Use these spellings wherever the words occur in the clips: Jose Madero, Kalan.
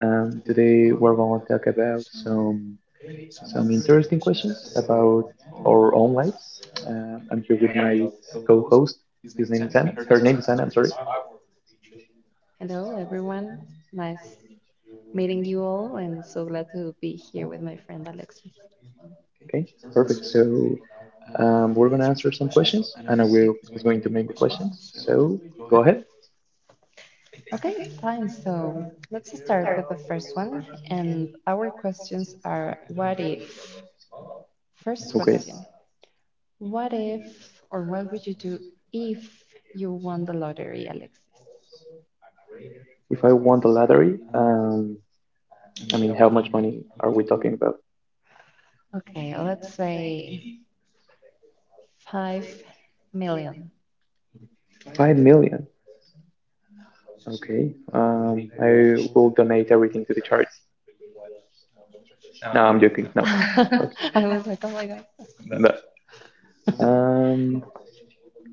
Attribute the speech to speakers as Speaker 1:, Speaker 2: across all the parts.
Speaker 1: Today we're going to talk about some interesting questions about our own lives. I'm here with my co-host. His name is Anna. Her name is Anna. I'm sorry.
Speaker 2: Hello, everyone. Nice meeting you all, and so glad to be here with my friend Alexis.
Speaker 1: Okay, perfect. So we're gonna answer some questions. Anna will is going to make the questions. So go ahead.
Speaker 2: Okay, fine. So let's start with the first one. And our questions are what if? First
Speaker 1: Okay.
Speaker 2: question. What if, or what would you do if you won the lottery, Alexis?
Speaker 1: If I want a lottery, I mean, how much money are we talking about?
Speaker 2: Okay, let's say 5 million.
Speaker 1: 5 million. Okay. I will donate everything to the charity. No, I'm joking. No,
Speaker 2: I
Speaker 1: of
Speaker 2: was like, oh my god.
Speaker 1: But um,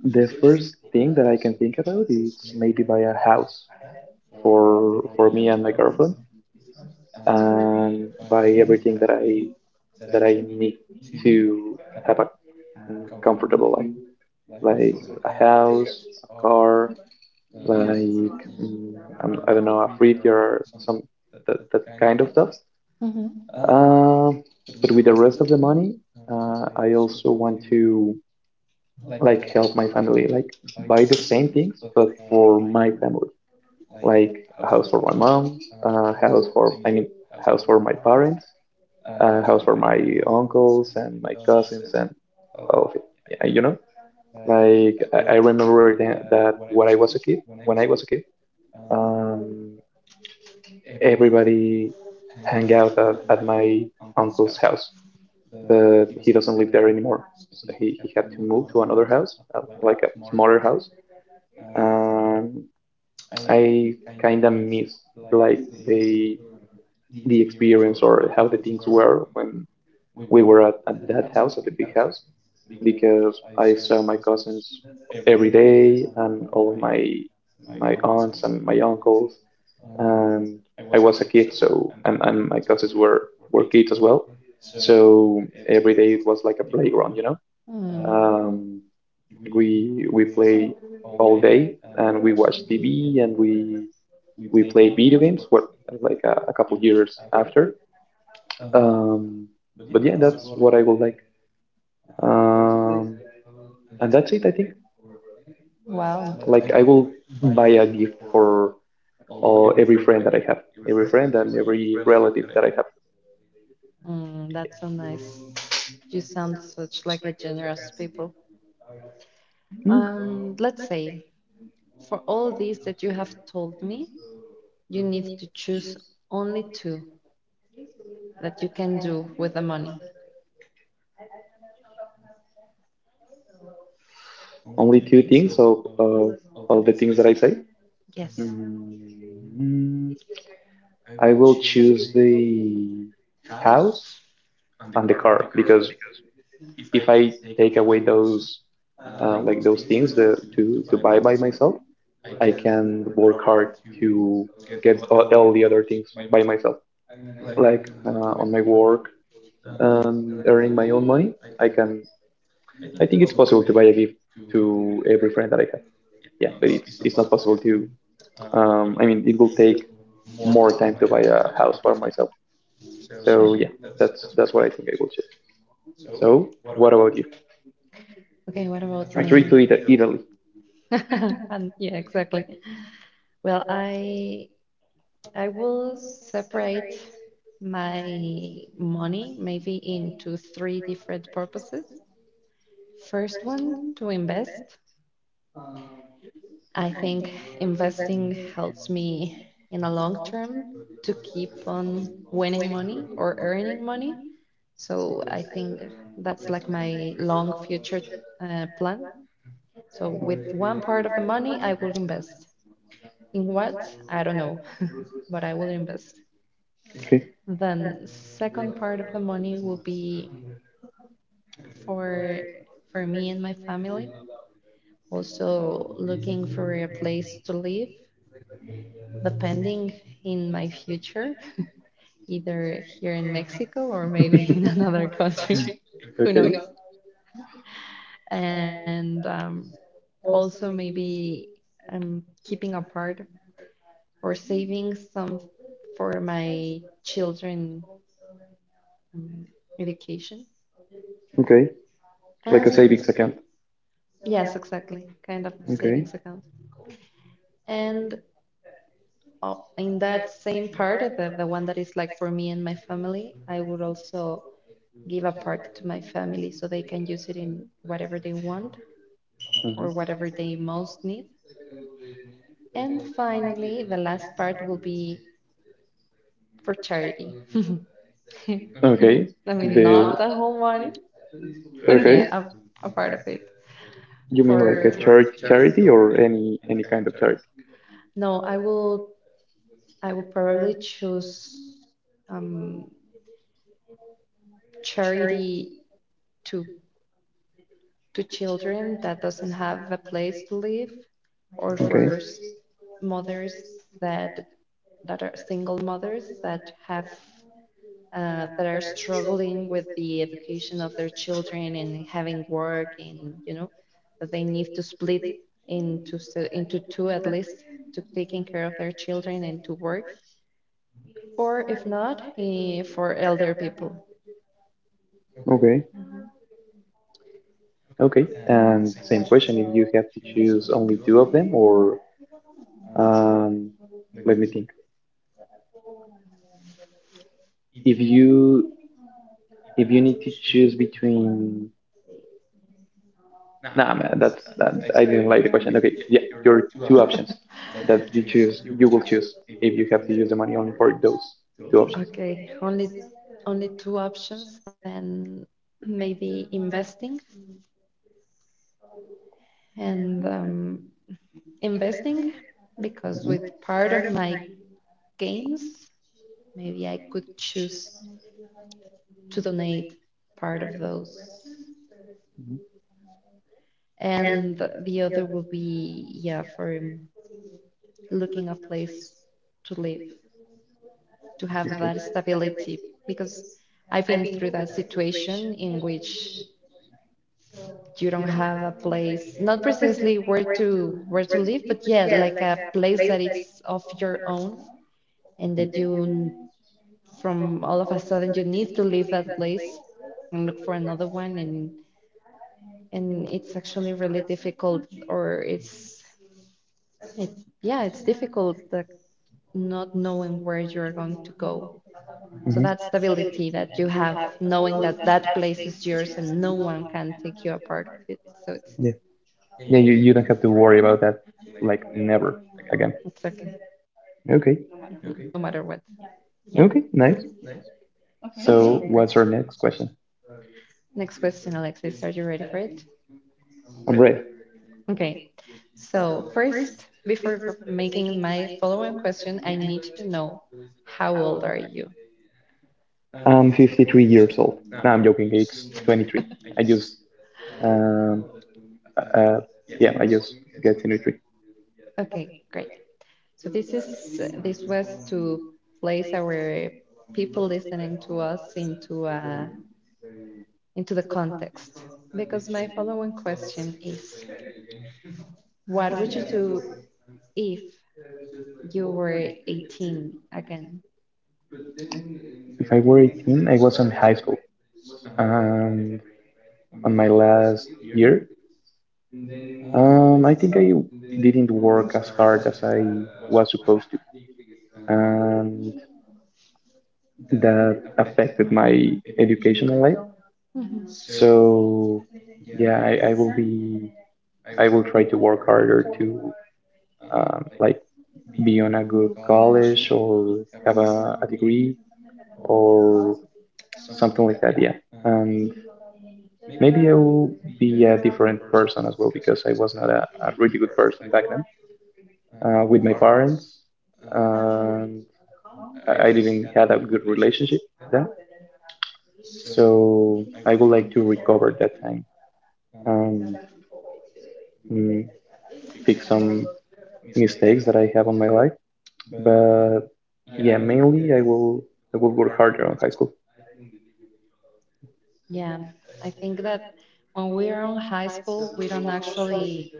Speaker 1: the first thing that I can think about is maybe buy a house for me and my girlfriend, and buy everything that I need to have a comfortable life, like a house, a car, like I do not know, a Afrit or some that kind of stuff.
Speaker 2: Mhm.
Speaker 1: Um, but with the rest of the money, I also want to like help my family, like buy the same things but for my family, like a house for my mom, a house for I mean, house for my parents, a house for my uncles and my cousins, and all of it. Yeah, like I remember that when I was a kid. Um, Everybody hang out at my uncle's house. But he doesn't live there anymore. So he had to move to another house, like a smaller house. Um, I kind of miss like the the experience, or how the things were when we were at that house, at the big house, because I saw my cousins every day and all of my aunts and my uncles, and I was a kid, so and my cousins were kids as well. So every day it was like a playground.
Speaker 2: Mm.
Speaker 1: Um, we play all day, and we watch TV, and we play video games. What, like a couple years after. Um, but yeah, that's what I would like. Um, and that's it, I think.
Speaker 2: Wow.
Speaker 1: Like I will buy a gift for all every friend that I have, every friend and every relative that I have.
Speaker 2: Mm, that's so nice. You sound such like a generous people.
Speaker 1: Mm.
Speaker 2: Let's say for all these that you have told me, you need to choose only two that you can do with the money.
Speaker 1: Only two things of all the things that I say.
Speaker 2: Yes.
Speaker 1: Mm, I will choose the house and the car, because if I take away those like those things, to buy by myself, I can work hard to get all the other things by myself. Like on my work, earning my own money, I can. I think it's possible to buy a gift to every friend that I have. Yeah, but it's not possible to I mean, it will take more time to buy a house for myself. So
Speaker 2: Sure.
Speaker 1: yeah, that's what I think I will choose. So what about you?
Speaker 2: Okay, what about
Speaker 1: A trip
Speaker 2: me?
Speaker 1: to Italy.
Speaker 2: Eat And yeah, exactly. Well, I will separate my money maybe into three different purposes. First one, to invest. I think investing helps me in the long term to keep on winning money or earning money. So I think that's like my long future plan. So
Speaker 1: So
Speaker 2: with
Speaker 1: with
Speaker 2: one
Speaker 1: one
Speaker 2: part of the
Speaker 1: part of the
Speaker 2: money, I
Speaker 1: money, I.
Speaker 2: will invest. In what? I don't know, but I will invest.
Speaker 1: Okay.
Speaker 2: Then second part of the money will be for for me and my family. Also looking for a place to live, depending in my future, either here in Mexico or
Speaker 1: Or
Speaker 2: maybe
Speaker 1: maybe
Speaker 2: in
Speaker 1: a
Speaker 2: another
Speaker 1: trip,
Speaker 2: country.
Speaker 1: who,
Speaker 2: Who
Speaker 1: okay, knows,
Speaker 2: knows? And also maybe keeping apart or saving some
Speaker 1: or
Speaker 2: for my
Speaker 1: chill.
Speaker 2: children um, education.
Speaker 1: Okay.
Speaker 2: Like a And
Speaker 1: Like a
Speaker 2: savings
Speaker 1: savings
Speaker 2: account.
Speaker 1: account.
Speaker 2: Yes,
Speaker 1: Yes.
Speaker 2: exactly. Kind of. Okay,
Speaker 1: Okay.
Speaker 2: savings account. And in that same part, the one that is like for me and my family, I would also give a part to my family so they can use it in whatever they want or
Speaker 1: Mhm.
Speaker 2: whatever they most need. And finally, the last part will be for charity. I mean,
Speaker 1: Okay. I
Speaker 2: okay,
Speaker 1: mean, the
Speaker 2: not
Speaker 1: not
Speaker 2: the
Speaker 1: a
Speaker 2: whole
Speaker 1: whole lot,
Speaker 2: money,
Speaker 1: but
Speaker 2: but okay,
Speaker 1: okay,
Speaker 2: yeah,
Speaker 1: yeah.
Speaker 2: a part of it.
Speaker 1: You mean, like
Speaker 2: For
Speaker 1: a for church
Speaker 2: for
Speaker 1: charity, or any kind of charity?
Speaker 2: No, I will probably choose um, charity to children that doesn't have a place to live or
Speaker 1: Okay,
Speaker 2: for
Speaker 1: mothers
Speaker 2: mothers
Speaker 1: mothers
Speaker 2: that
Speaker 1: that.
Speaker 2: are single mothers that are struggling with the education of their children and having work, and you know that they need to split into into two at least, to taking care of their children and to work, or if not, for elder people.
Speaker 1: Okay. Okay. And same question, if you have to choose only two of them, or um let me think. If you if you need to choose between, nah man, that's, that I didn't like the question. Okay, yeah, your two options that you choose you will choose, if you have to use the money only for those two
Speaker 2: Mm-hmm.
Speaker 1: options.
Speaker 2: Okay, only two options, then maybe investing and investing because
Speaker 1: Mm-hmm.
Speaker 2: with part of
Speaker 1: It's.
Speaker 2: my gains, maybe I could choose to donate part of those.
Speaker 1: Mhm.
Speaker 2: And the other will be, yeah, for looking a place to live, to have
Speaker 1: Okay.
Speaker 2: that stability. Because I've been through that situation in which you don't have a place, not precisely where to live, but yeah, like a place that it's of your own, and that you from all of a sudden you need to leave that place and look for another one, and it's actually really difficult, or it's, yeah, it's difficult, like, not knowing where you're going to go. So
Speaker 1: Mhm.
Speaker 2: that stability that you have, knowing that that place is yours and no one can take you apart of it. So it's
Speaker 1: Yeah, you don't have to worry about that, like, never again.
Speaker 2: it's okay,
Speaker 1: Okay.
Speaker 2: no matter what. Yeah.
Speaker 1: What. Okay, nice.
Speaker 2: Okay,
Speaker 1: So
Speaker 2: great.
Speaker 1: okay, what's our next question?
Speaker 2: Next question, Alexis. Are you ready for it?
Speaker 1: I'm Ray.
Speaker 2: Okay. So first, before making my following question, I need to know, how old are you?
Speaker 1: I'm 53 years old. No, I'm joking. It's 23. I just, um, uh, yeah, I just got 23.
Speaker 2: Okay, great. So this is this was to place our people listening to us into a into the context. Because my following question is, what would you do if you were 18 again?
Speaker 1: If I were 18, I was in high school, and on my last year, I think I didn't work as hard as I was supposed to, and that affected my educational life. So yeah, I will be. I will try to work harder to like be on a good college, or have a degree, or something like that. Yeah, and maybe I will be a different person as well, because I was not a really good person back then, with my parents. Um, I didn't had a good relationship then, so I would like to recover that time, um, mm, fix some mistakes that I have on my life. But yeah, mainly I will work harder on high school.
Speaker 2: Yeah, I think that when we are on high school, we don't actually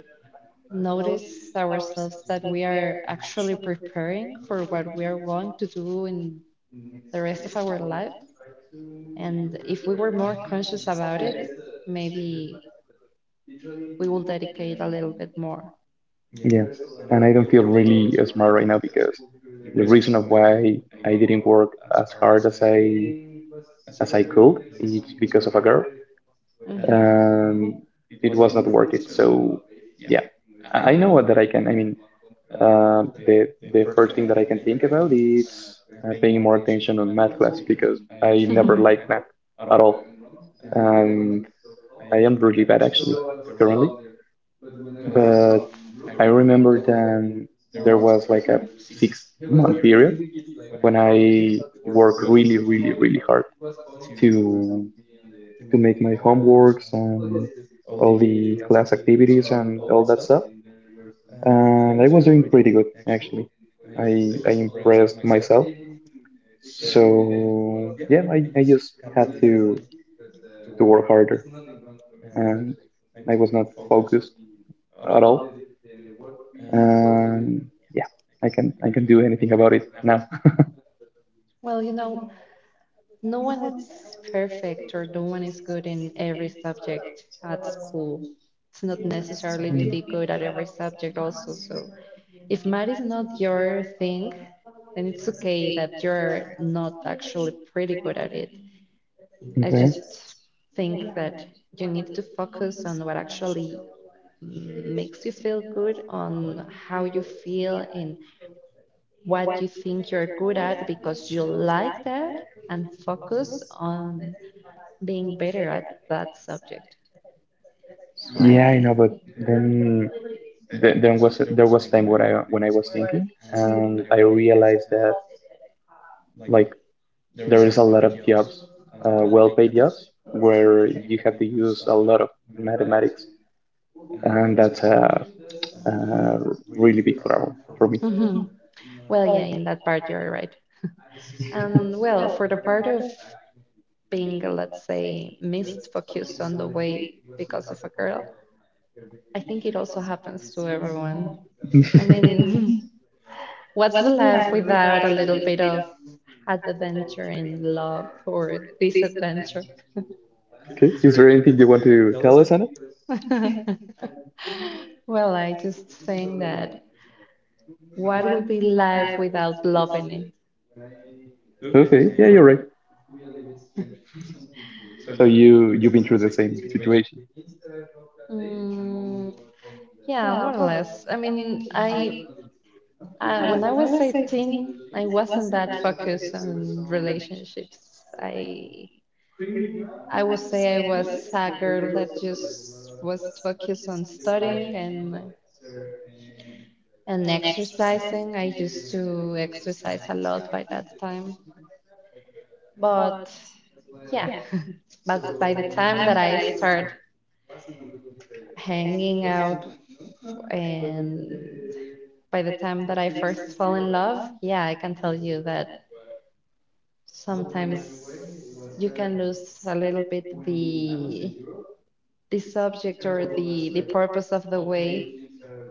Speaker 2: notice ourselves that we are actually preparing for what we are going to do in the rest of our life. And if we were more conscious about it, maybe we will dedicate a little bit more.
Speaker 1: Yeah, and I don't feel really smart right now, because the reason of why I didn't work as hard as I
Speaker 2: Mhm.
Speaker 1: as I could is because of a girl. Um, it was not worth it. So yeah, I know that I can. I mean, the first thing that I can think about is paying more attention on math class, because I never liked math at all, and I am really bad, actually, currently. But I remember that there was like a 6-month period when I worked really, really, really hard to to make my homeworks and all the class activities and all that stuff. And I was doing pretty good, actually. I impressed myself. So yeah, I just had to work harder. And I was not focused at all. And yeah, I can do anything about it now.
Speaker 2: Well, no one is perfect, or no one is good in every subject at school. It's not necessarily to
Speaker 1: Mm.
Speaker 2: be good at every subject also. So if math is not your thing, then it's okay that you're not actually pretty good at it. I
Speaker 1: Okay.
Speaker 2: just think that you need to focus on what actually makes you feel good, on how you feel and what you think you're good at because you like that, and focus on being better at that subject. So
Speaker 1: Yeah, I know, but then
Speaker 2: I,
Speaker 1: there was time when I was thinking, and I realized that, like, there is a lot of jobs, well-paid jobs, where you have to use a lot of mathematics. And that's a really big problem for me.
Speaker 2: hmm Well, yeah, in that part you're right. And well, for the part of being, let's say, missed focused on the way because of a girl, I think it also happens to everyone. I mean, what's the life without a little bit of adventure in love or disadventure?
Speaker 1: Okay, is there anything you want to tell us, Anna?
Speaker 2: Well, I just think that, what would be life without loving it?
Speaker 1: Okay, yeah, you're right. So you've been through the same situation.
Speaker 2: Mm, yeah, more or less. I mean, I when I was 18, I wasn't that focused on relationships. I would say I was a girl that just was focused on studying and exercising. I used to exercise a lot by that time, but yeah, but by the time that I start hanging out, and by the time that I first fall in love, yeah, I can tell you that sometimes you can lose a little bit the subject, or the purpose of the way,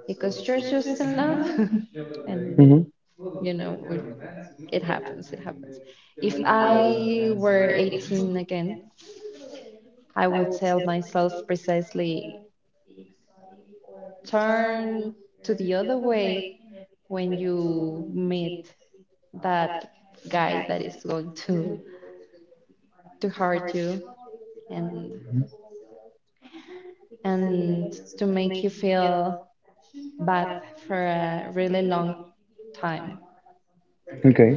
Speaker 2: because you're just in love and
Speaker 1: Hmm.
Speaker 2: you know it happens. If I were 18 again, I will tell myself precisely, turn to the other way when you meet that guy that is going to hurt you, and and to make you feel bad for a really long time,
Speaker 1: Okay,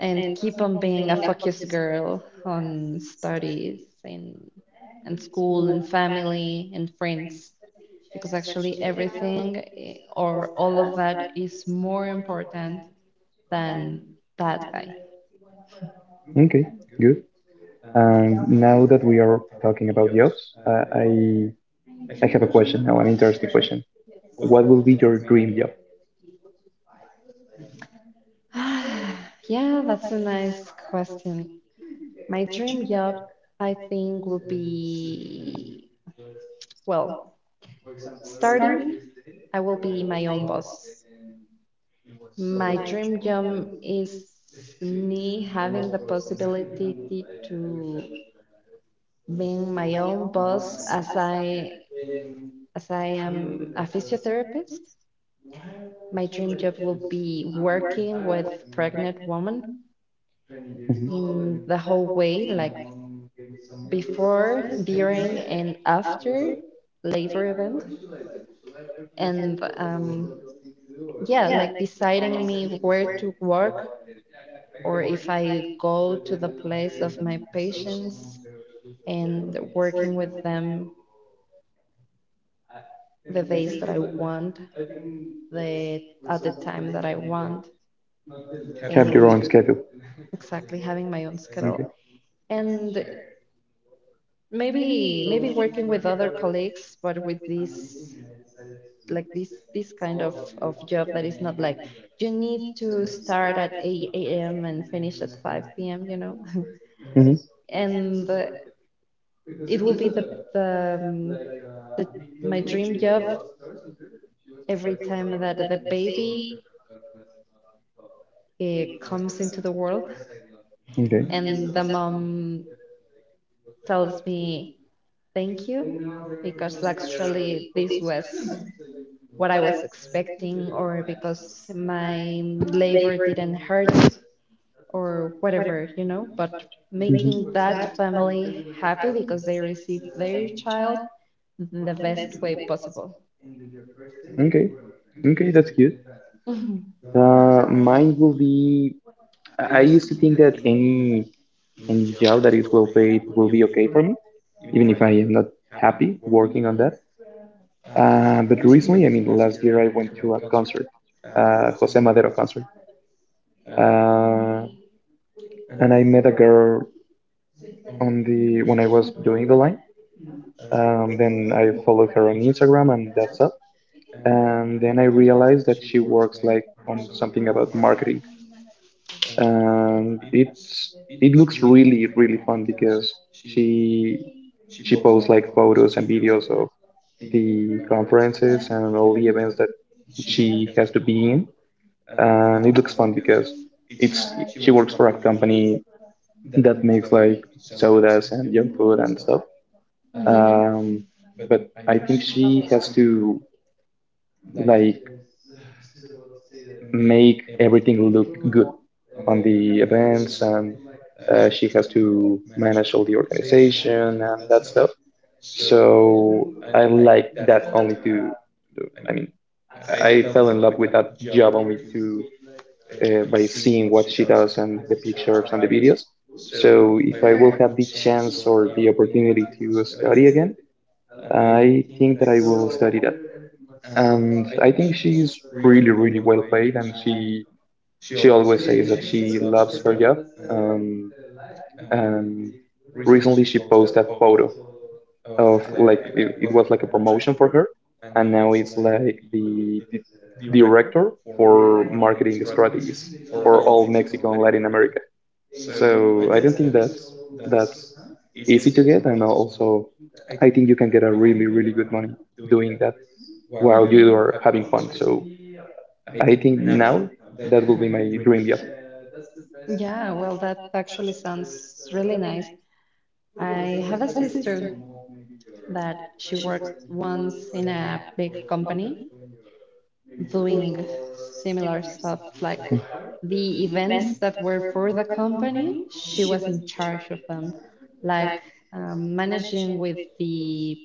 Speaker 2: and keep on being a focused girl on studies, and school and family and friends, because actually everything or all of that is more important than that guy.
Speaker 1: okay, good. And now that we are talking about jobs, uh, I I have a question now, an interesting question. What will be your dream job?
Speaker 2: Yeah, that's a nice question. My dream job, I think, would be, well, starting, I will be my own boss. My dream job is me having the possibility to being my own boss, as I am a physiotherapist. My dream job will be working with pregnant women
Speaker 1: Hmm.
Speaker 2: in the whole way, like before, during, and after labor event. And yeah, like deciding me where to work or if I go to the place of my patients, and working with them the days that I want, the at the time that I want.
Speaker 1: Have your own schedule.
Speaker 2: Exactly, having my own
Speaker 1: Okay.
Speaker 2: schedule, and maybe working with other colleagues, but with this like this kind of job that is not like you need to start at 8 a.m. and finish at 5 p.m., you know.
Speaker 1: Mm-hmm.
Speaker 2: And it will be the- my dream job, every time that the baby eh, comes into the world.
Speaker 1: Okay.
Speaker 2: And the mom tells me, Thank you, because actually this was what I was expecting, or because my labor didn't hurt, or whatever, you know. But making
Speaker 1: Mm-hmm.
Speaker 2: that family happy because they received their child in the best way possible.
Speaker 1: Okay. Okay, that's good. Mine will be. I used to think that any job that is well paid will be okay for me, even if I am not happy working on that. But recently, I mean, last year I went to a concert, Jose Madero concert, uh, and I met a girl on the when I was doing the line. Then I followed her on Instagram, and that's it. And then I realized that she works like on something about marketing, and it looks really, really fun, because she she posts like photos and videos of the conferences and all the events that she has to be in, and it looks fun because it's she works for a company that makes like sodas and junk food and stuff.
Speaker 2: Mhm.
Speaker 1: Um, but I think she has to, like, make everything look good on the events, and she has to manage all the organization and that stuff. So I like that only to, I mean, I fell in love with that job only to, by seeing what she does, and the pictures and the videos. So if I will have the chance or the opportunity to study again, I think that I will study that. And I think she's really, really well paid, and she always says that she loves her job. Um, and recently she posted a photo of like it was like a promotion for her, and now it's like the director for marketing strategies for all Mexico and Latin America. So I don't think that's easy to get, and also I think you can get a really, really good money doing that while you
Speaker 2: you
Speaker 1: are having fun. So I think now that will be my dream job.
Speaker 2: Yeah, well, that actually sounds really nice. I have a sister that she worked once in a big company doing similar stuff, like the events that were for the company, she was in charge of them, like managing with the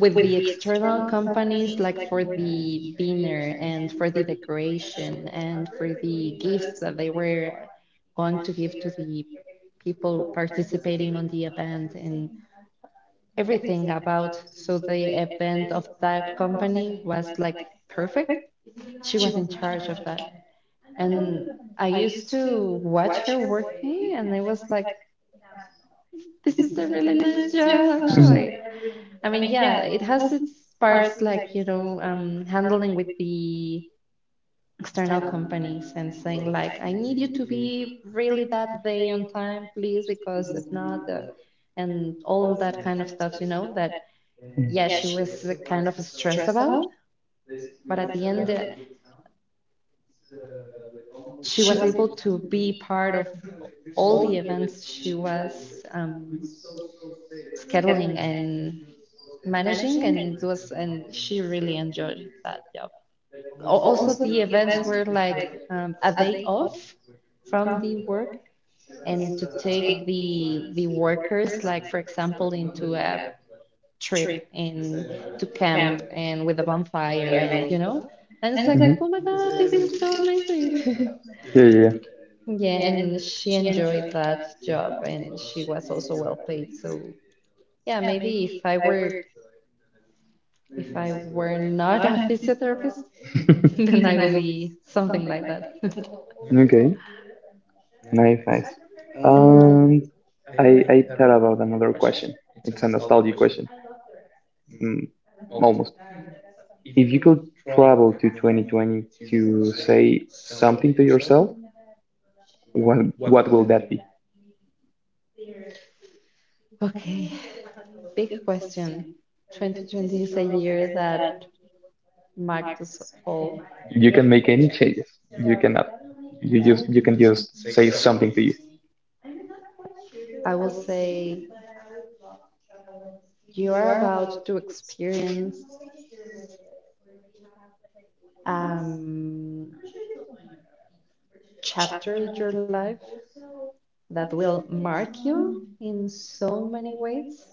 Speaker 2: external companies, like for the dinner and for the decoration and for the gifts that they were going to give to the people participating on the event and everything about. So the event of that company was like perfect. She was in charge of that. And I used to watch her working, and I was like, this is a really nice job,
Speaker 1: Mhm.
Speaker 2: actually. I mean, yeah, it has its parts, like, handling with the external companies and saying, like, I need you to be really that day on time, please, because if not, and all that kind of stuff, that
Speaker 1: Mm.
Speaker 2: yeah, she was kind of stressed about. But at the end, she was able to be part of all the events she was scheduling and managing, and she really enjoyed that job. Also, the events were like a day off from the work, and to take the workers, like for example, into a trip, and to camp, and with a bonfire, and and it's like,
Speaker 1: Hmm.
Speaker 2: oh my God, this is so amazing.
Speaker 1: Yeah, yeah,
Speaker 2: Yeah, and she enjoyed that job, and she was also well paid. So, yeah, maybe if I were not a physiotherapist, then I will be something like that.
Speaker 1: yeah. Okay, nice, nice.
Speaker 2: Um,
Speaker 1: Um,
Speaker 2: And,
Speaker 1: I thought about another question. It's a nostalgia question, mm, almost. If you could travel to 2020 to say something to yourself, what what will that be?
Speaker 2: okay, big question. 2020 is a year that marked us all.
Speaker 1: You can make any changes. You cannot. You can just say something to you.
Speaker 2: I will say, you are about to experience um, chapter of your life that will mark you in so many ways.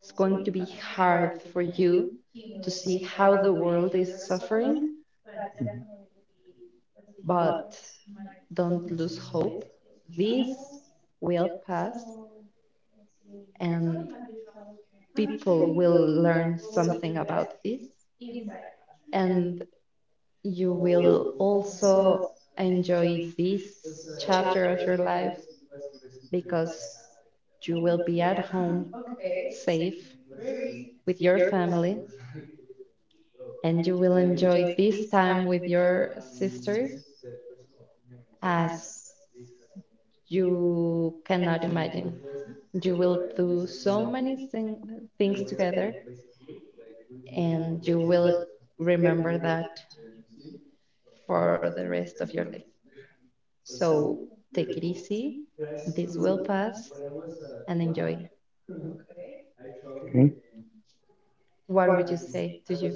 Speaker 2: It's going to be hard for you to see how world is suffering,
Speaker 1: Mhm.
Speaker 2: but don't lose hope. This will pass, and people will learn something about this, and you will also enjoy this chapter of your life, because you will be at home safe with your family, and you will enjoy this time with your sister as you cannot imagine. You will do so many things together, and you will remember that for the rest of your life. So take it easy, this will pass, and enjoy.
Speaker 1: Okay.
Speaker 2: What would you say to you?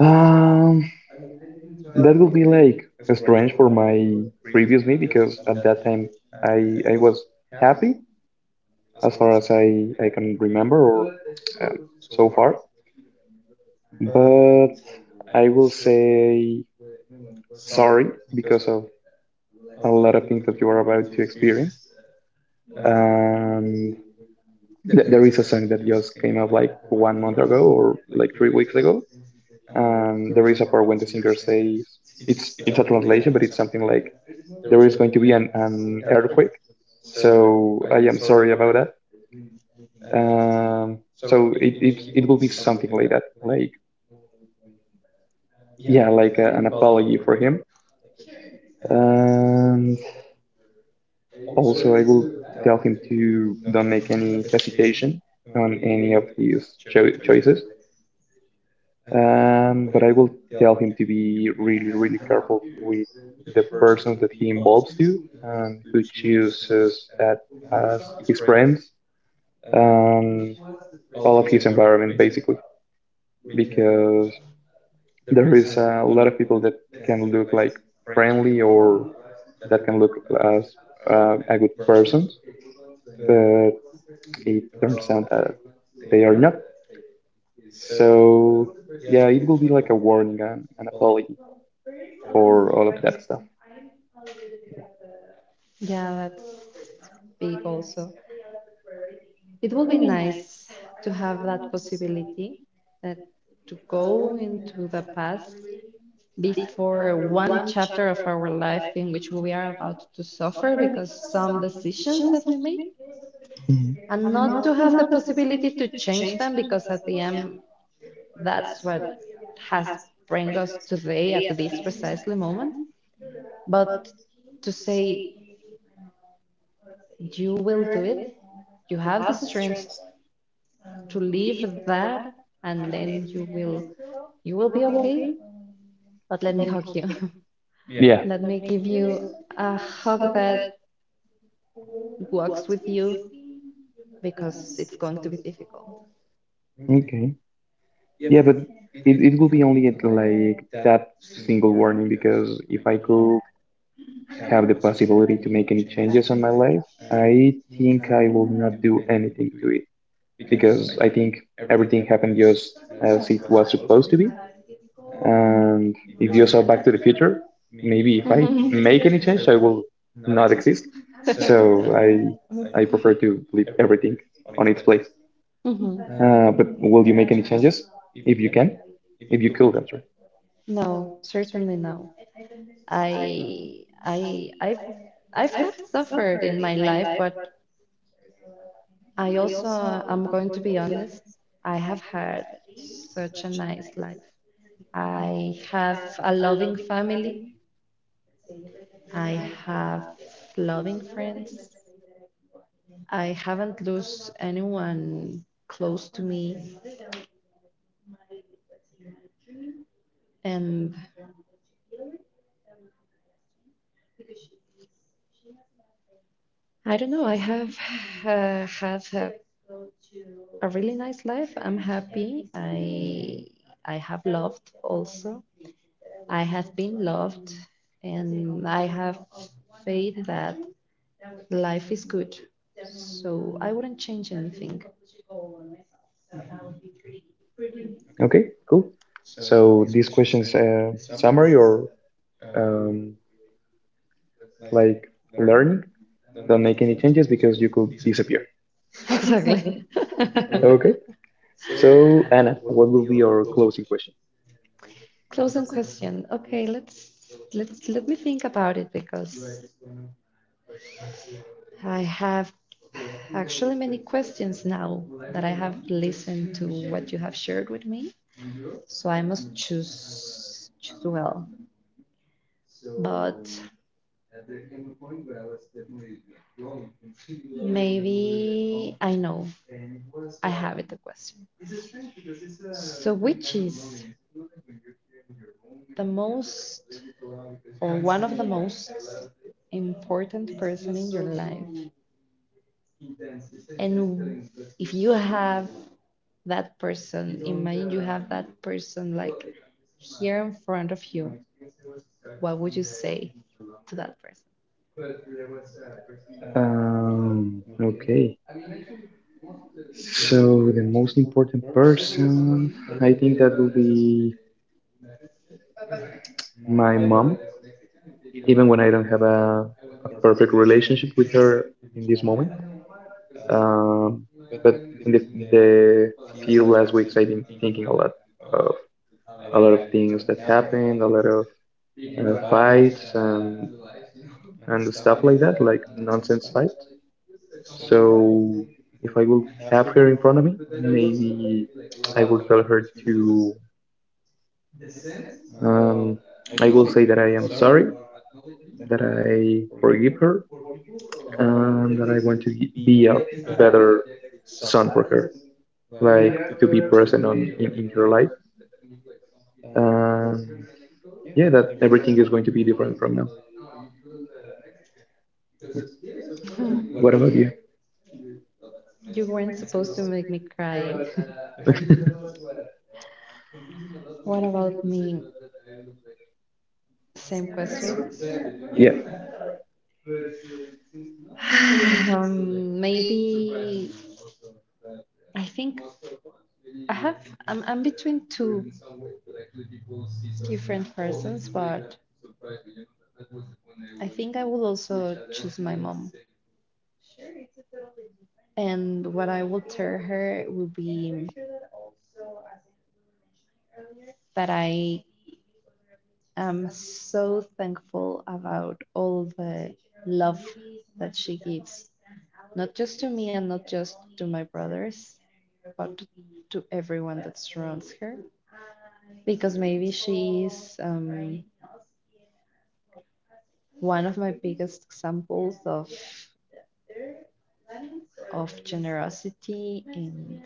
Speaker 1: Um, that would be like strange for my previous me, because at that time I was happy, as far as I can remember, or um, so far, but I will say sorry because of a lot of things that you are about to experience. Um, there is a song that just came out like one month ago, or like 3 weeks ago, and there is a part when the singer says, it's a translation, but it's something like there is going to be an earthquake. So I am sorry about that. Um, so it will be something like that, like, yeah, like an apology for him. And also, I will tell him to don't make any hesitation on any of his choices. But I will tell him to be really, really careful with the person that he involves to, and who chooses as his friends, and all of his environment, basically, because there is a lot of people that can look like friendly, or that can look as a good person, but it turns out that they are not. So, yeah, it will be like a warning and an apology for all of that stuff.
Speaker 2: Yeah, that's big also. It would be nice to have that possibility, that to go into the past before one chapter of our life in which we are about to suffer because some decisions that we made,
Speaker 1: Mhm.
Speaker 2: and not to have the possibility to change them, because at the end, that's what has bring us today at this precisely moment. But to say, you will do it, you have the strength to leave that, and then you will be okay. But let me hug you,
Speaker 1: Yeah.
Speaker 2: let me give you a hug that works with you, because it's going to be difficult.
Speaker 1: Okay, yeah, but it will be only at, like, that single warning, because if I could have the possibility to make any changes on my life, I think I will not do anything to it, because I think everything happened just as it was supposed to be. And if you saw Back to the Future, maybe if I
Speaker 2: Hmm.
Speaker 1: make any change, I will not exist. So I I prefer to leave everything on its place.
Speaker 2: Hmm.
Speaker 1: But will you make any changes if you can? If you kill them, am sorry.
Speaker 2: No, certainly no. I I I've I've have suffered in my life, but I also, I'm going to be honest, I have had such a nice life. I have a loving family. I have loving friends. I haven't lost anyone close to me. And I don't know. I have a really nice life. I'm happy. I have loved also. I have been loved, and I have faith that life is good. So I wouldn't change anything.
Speaker 1: Okay, cool. So these questions, summary, or um, like learning, don't make any changes because you could disappear.
Speaker 2: Exactly.
Speaker 1: Okay. So Anna, what will be your closing question?
Speaker 2: Closing question. Okay, let me think about it, because I have actually many questions now that I have listened to what you have shared with me. So I must choose well. But I know. It the question. Important that person, person front of that person?
Speaker 1: Okay. So the most important person, I think, that will be my mom, even when I don't have a perfect relationship with her in this moment. Um, but in the few last weeks, I've been thinking a lot of things that happened, a lot of fights and stuff like that, like nonsense fight. So if I will have her in front of me, maybe I will tell her to. Um, I will say that I am sorry, that I forgive her, and that I want to be a better son for her, like to be present in her life. Um, yeah, that everything is going to be different from now. What about you?
Speaker 2: Make me Same.
Speaker 1: Yeah.
Speaker 2: Maybe, I think, I'm between two different persons, but I think I will also choose my mom. And what I will tell her will be that I am so thankful about all the love that she gives, not just to me and not just to my brothers, but to everyone that surrounds her. Because maybe she is one of my biggest examples of generosity and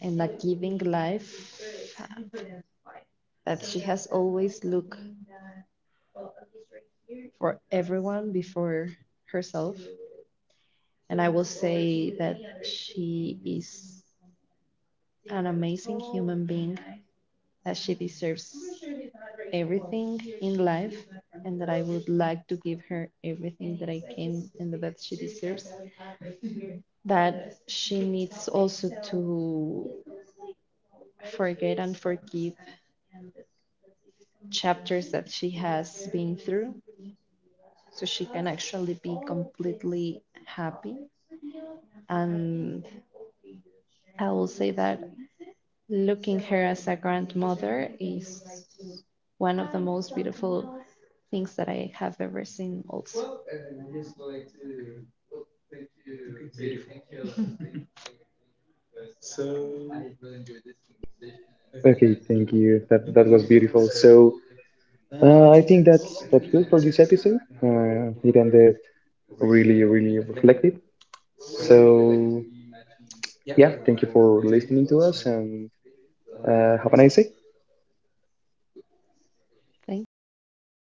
Speaker 2: and a giving life, that she has always looked for everyone before herself. And I will say that she is an amazing human being, that she deserves everything in life, and that I would like to give her everything that I can and that she deserves. That she needs also to forget and forgive chapters that she has been through, so she can actually be completely happy. And I will say that looking her as a grandmother is one of the most beautiful things that I have ever seen also.
Speaker 1: Okay, thank you. That was beautiful. So I think that's good for this episode. It ended really, really reflective. So yeah, thank you for listening to us, and have a nice day.
Speaker 2: Thank you.